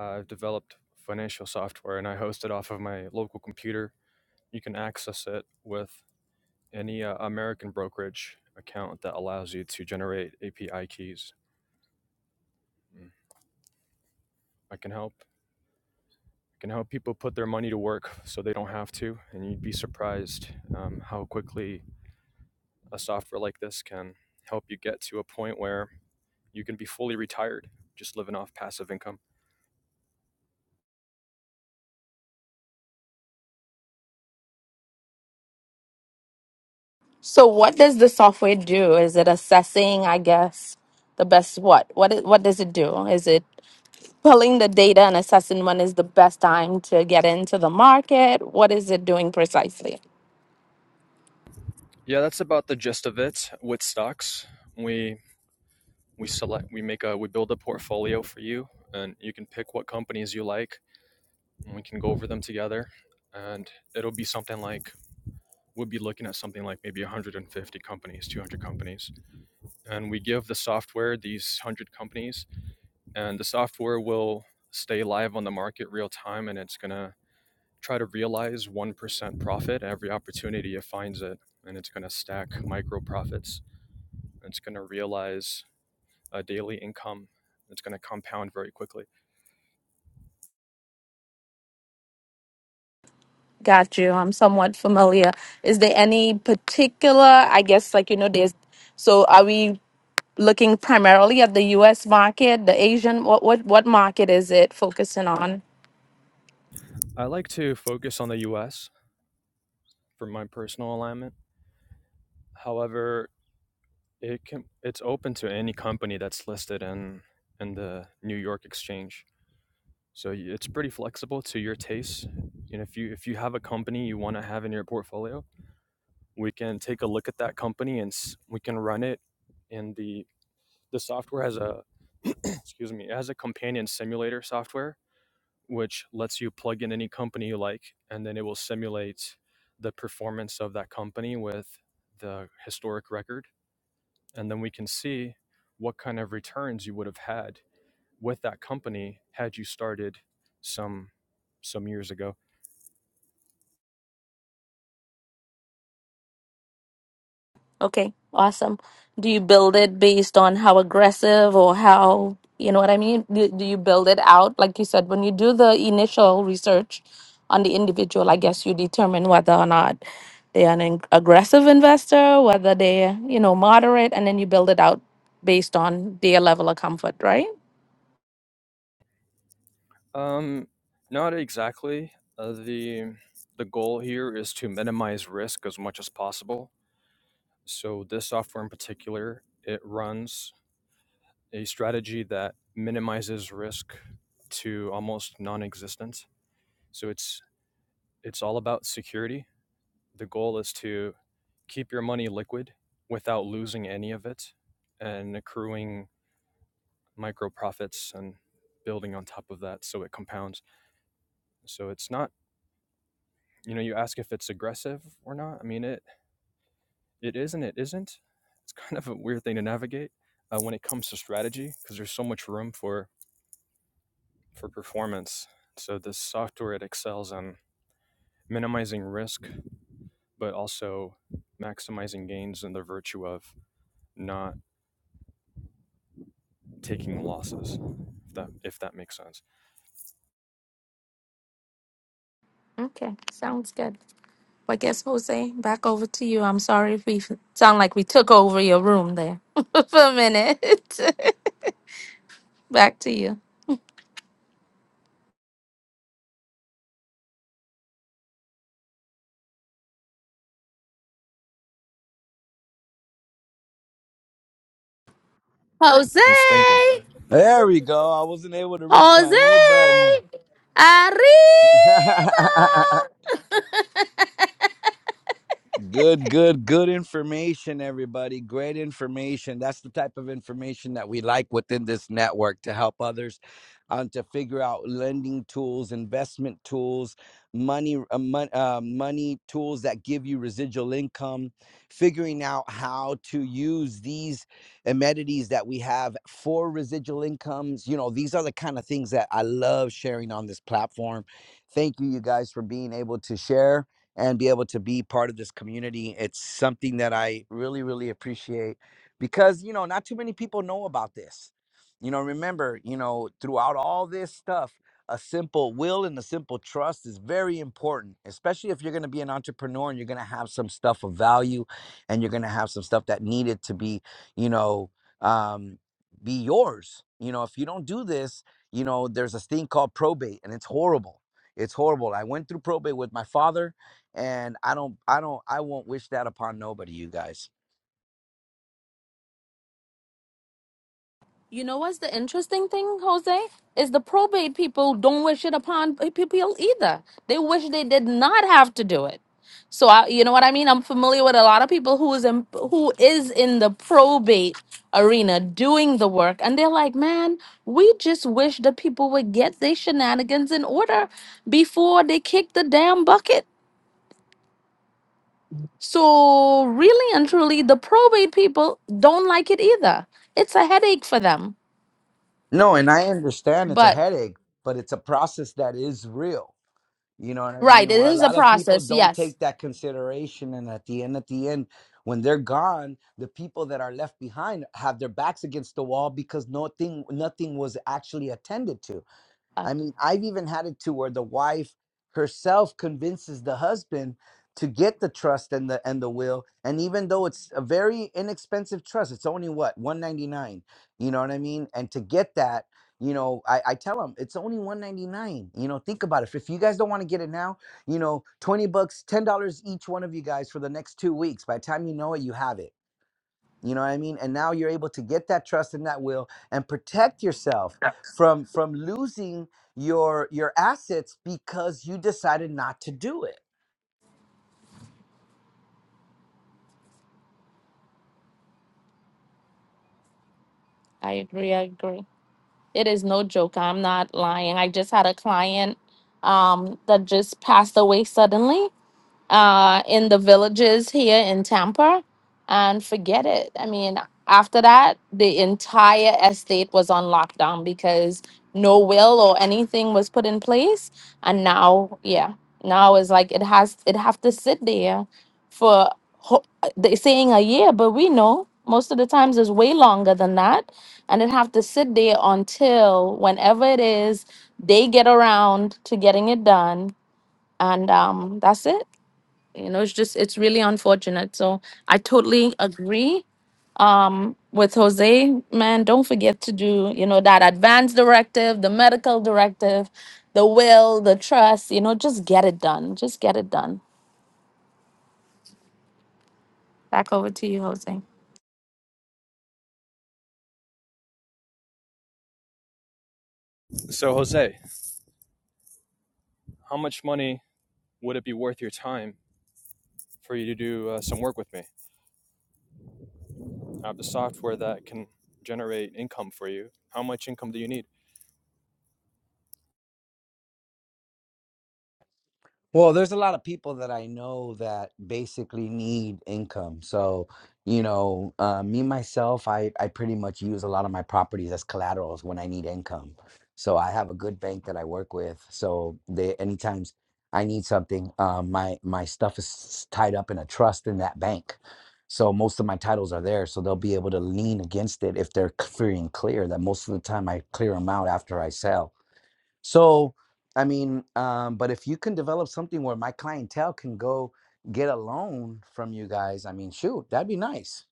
Speaker 6: I've developed financial software, and I host it off of my local computer. You can access it with any uh, American brokerage account that allows you to generate API keys. Mm. I can help. I can help people put their money to work so they don't have to. And you'd be surprised um, how quickly a software like this can help you get to a point where you can be fully retired, just living off passive income.
Speaker 3: So what does the software do? Is it assessing, I guess, the best what? What is, what does it do? Is it pulling the data and assessing when is the best time to get into the market? What is it doing precisely?
Speaker 6: Yeah, that's about the gist of it. With stocks, we we select, we make a, we build a portfolio for you, and you can pick what companies you like, and we can go over them together. And it'll be something like would be looking at something like maybe 150 companies, 200 companies. And we give the software these 100 companies, and the software will stay live on the market real time. And it's going to try to realize 1% profit every opportunity it finds it. And it's going to stack micro profits. It's going to realize a daily income. It's going to compound very quickly.
Speaker 3: Got you. I'm somewhat familiar. Is there any particular, I guess, like, you know, there's, so are we looking primarily at the US market, the Asian, what, what, what market is it focusing on?
Speaker 6: I like to focus on the US for my personal alignment. However, It can it's open to any company that's listed in in the New York Exchange. So y- it's pretty flexible to your tastes. And if you if you have a company you want to have in your portfolio, we can take a look at that company and s- we can run it in the the software has a excuse me, it has a companion simulator software which lets you plug in any company you like and then it will simulate the performance of that company with the historic record and then we can see what kind of returns you would have had with that company had you started some some years ago.
Speaker 3: Okay, awesome. Do you build it based on how aggressive or how, you know what I mean? Do, do you build it out? Like you said, when you do the initial research on the individual, I guess you determine whether or not they're an ag- aggressive investor, whether they're, you know, moderate, and then you build it out based on their level of comfort, right?
Speaker 6: Um, not exactly. Uh, the the goal here is to minimize risk as much as possible. So this software in particular, it runs a strategy that minimizes risk to almost non-existent. So it's it's all about security the goal is to keep your money liquid without losing any of it and accruing micro profits and building on top of that so it compounds so it's not you know you ask if it's aggressive or not i mean it it is and it isn't it's kind of a weird thing to navigate uh, when it comes to strategy because there's so much room for for performance so this software it excels on minimizing risk but also maximizing gains in the virtue of not taking losses. If that if that makes sense.
Speaker 3: Okay, sounds good. Well, I guess Jose, back over to you. I'm sorry if we f- sound like we took over your room there for a minute. back to you. Jose,
Speaker 6: He's thinking.
Speaker 1: There we go. I wasn't able to reach my mute button.
Speaker 3: Jose, arriba.
Speaker 1: Good, good, good information, everybody. Great information. That's the type of information that we like within this network to help others um, to figure out lending tools, investment tools, money, uh, mon- uh, money tools that give you residual income, figuring out how to use these amenities that we have for residual incomes. You know, these are the kind of things that I love sharing on this platform. Thank you, you guys, for being able to share and be able to be part of this community. It's something that I really, really appreciate because, you know, not too many people know about this. You know, remember, you know, throughout all this stuff, a simple will and a simple trust is very important, especially if you're going to be an entrepreneur and you're going to have some stuff of value and you're going to have some stuff that needed to be, you know, um, be yours. You know, if you don't do this, you know, there's this thing called probate and it's horrible. It's horrible. I went through probate with my father and i don't i don't i won't wish that upon nobody you guys
Speaker 3: You know what's the interesting thing, Jose? Is the probate people don't wish it upon p- people either. They wish they did not have to do it. So I, you know what I mean. I'm familiar with a lot of people who is in, who is in the probate arena doing the work, and they're like, "Man, we just wish the people would get their shenanigans in order before they kick the damn bucket." So, really and truly, the probate people don't like it either. It's a headache for them.
Speaker 1: no and i understand it's a
Speaker 3: But,
Speaker 1: headache but it's a process that is real you know what i
Speaker 3: right,
Speaker 1: mean
Speaker 3: it
Speaker 1: where a
Speaker 3: is a
Speaker 1: lot of people
Speaker 3: process.
Speaker 1: don't
Speaker 3: Yes.
Speaker 1: take that consideration and at the end at the end when they're gone the people that are left behind have their backs against the wall because nothing nothing was actually attended to
Speaker 3: Uh,
Speaker 1: I mean, I've even had it to where the wife herself convinces the husband to get the trust and the and the will. And even though it's a very inexpensive trust, it's only what, 199. You know what I mean? And to get that, you know, I, I tell them it's only 199. You know, think about it. If if you guys don't want to get it now, you know, 20 bucks, $10 each one of you guys for the next two weeks. By the time you know it, you have it you know what i mean and now you're able to get that trust and that will and protect yourself from from losing your your assets because you decided not to do it
Speaker 3: I agree. I agree. It is no joke. I'm not lying. I just had a client um, that just passed away suddenly. uh, in the villages here in Tampa, and forget it. I mean, after that, the entire estate was on lockdown because no will or anything was put in place, and now, yeah, now it's like it has it have to sit there for ho- they saying a year, but we know most of the times it's way longer than that, and it have to sit there until whenever it is they get around to getting it done, and um, that's it you know it's just it's really unfortunate so i totally agree um with jose man don't forget to do you know that advance directive the medical directive the will the trust you know just get it done just get it done back over to you jose
Speaker 6: So Jose, how much money would it be worth your time for you to do uh, some work with me? I have the software that can generate income for you. How much income do you need?
Speaker 1: Well, there's a lot of people that I know that basically need income. So, you know, uh, me myself, I, I pretty much use a lot of my properties as collaterals when I need income. So I have a good bank that I work with. So they anytime I need something, uh, my my stuff is tied up in a trust in that bank. So most of my titles are there, so they'll be able to lean against it if they're c- free and clear. That most of the time I clear them out after I sell. So, I mean, um, but if you can develop something where my clientele can go get a loan from you guys, I mean, shoot, that'd be nice.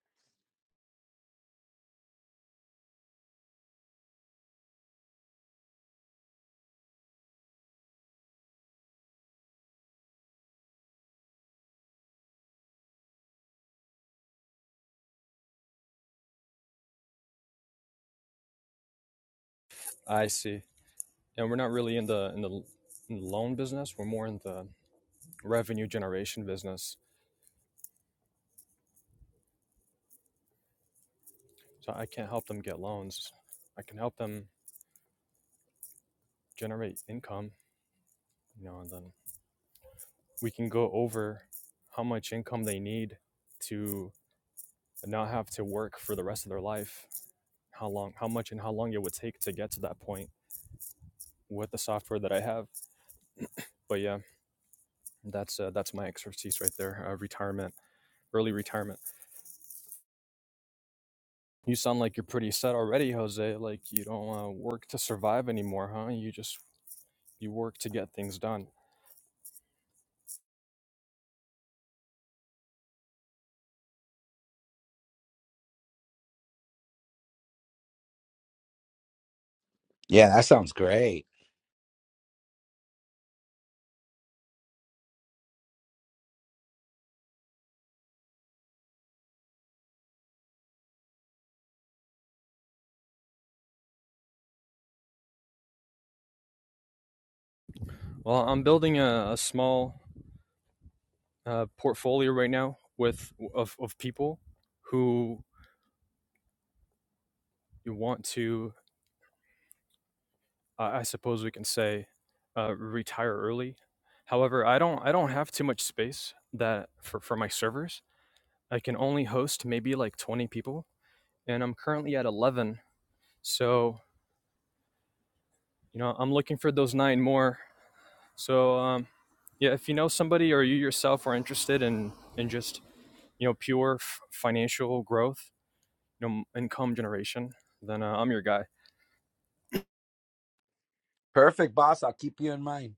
Speaker 6: I see. And we're not really in the in the, in the loan business. We're more in the revenue generation business. So I can't help them get loans. I can help them generate income. You know, and then we can go over how much income they need to and not have to work for the rest of their life. How long, how much, and how long it would take to get to that point with the software that I have. But yeah, that's uh, that's my expertise right there. Uh, retirement, early retirement. You sound like you're pretty set already, Jose. Like you don't uh, work to survive anymore, huh? You just you work to get things done.
Speaker 1: Yeah, that sounds great.
Speaker 6: Well, I'm building a, a small uh, portfolio right now with of, of people who you want to uh, I suppose we can say uh, retire early. However, I don't I don't have too much space that for for my servers. I can only host maybe like 20 people and I'm currently at 11. So, you know, I'm looking for those 9 more. So, um yeah, if you know somebody or you yourself are interested in in just, you know, pure f- financial growth, you know, income generation, then uh, I'm your guy.
Speaker 1: Perfect, boss. I'll keep you in mind.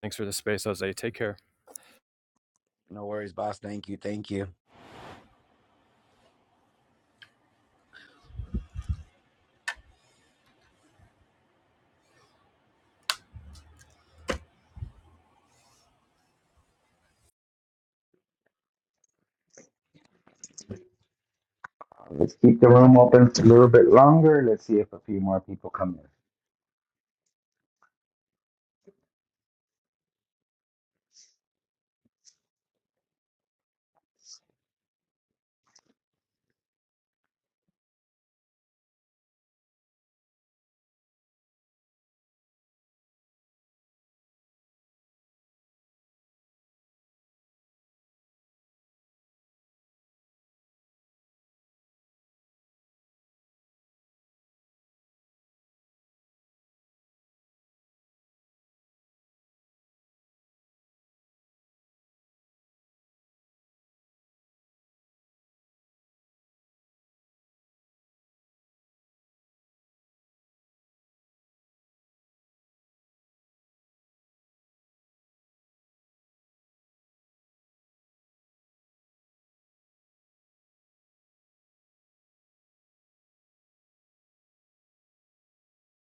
Speaker 6: Thanks for the space, Jose. Take care.
Speaker 1: No worries, boss. Thank you. Thank you. Let's keep the room open a little bit longer. Let's see if a few more people come in.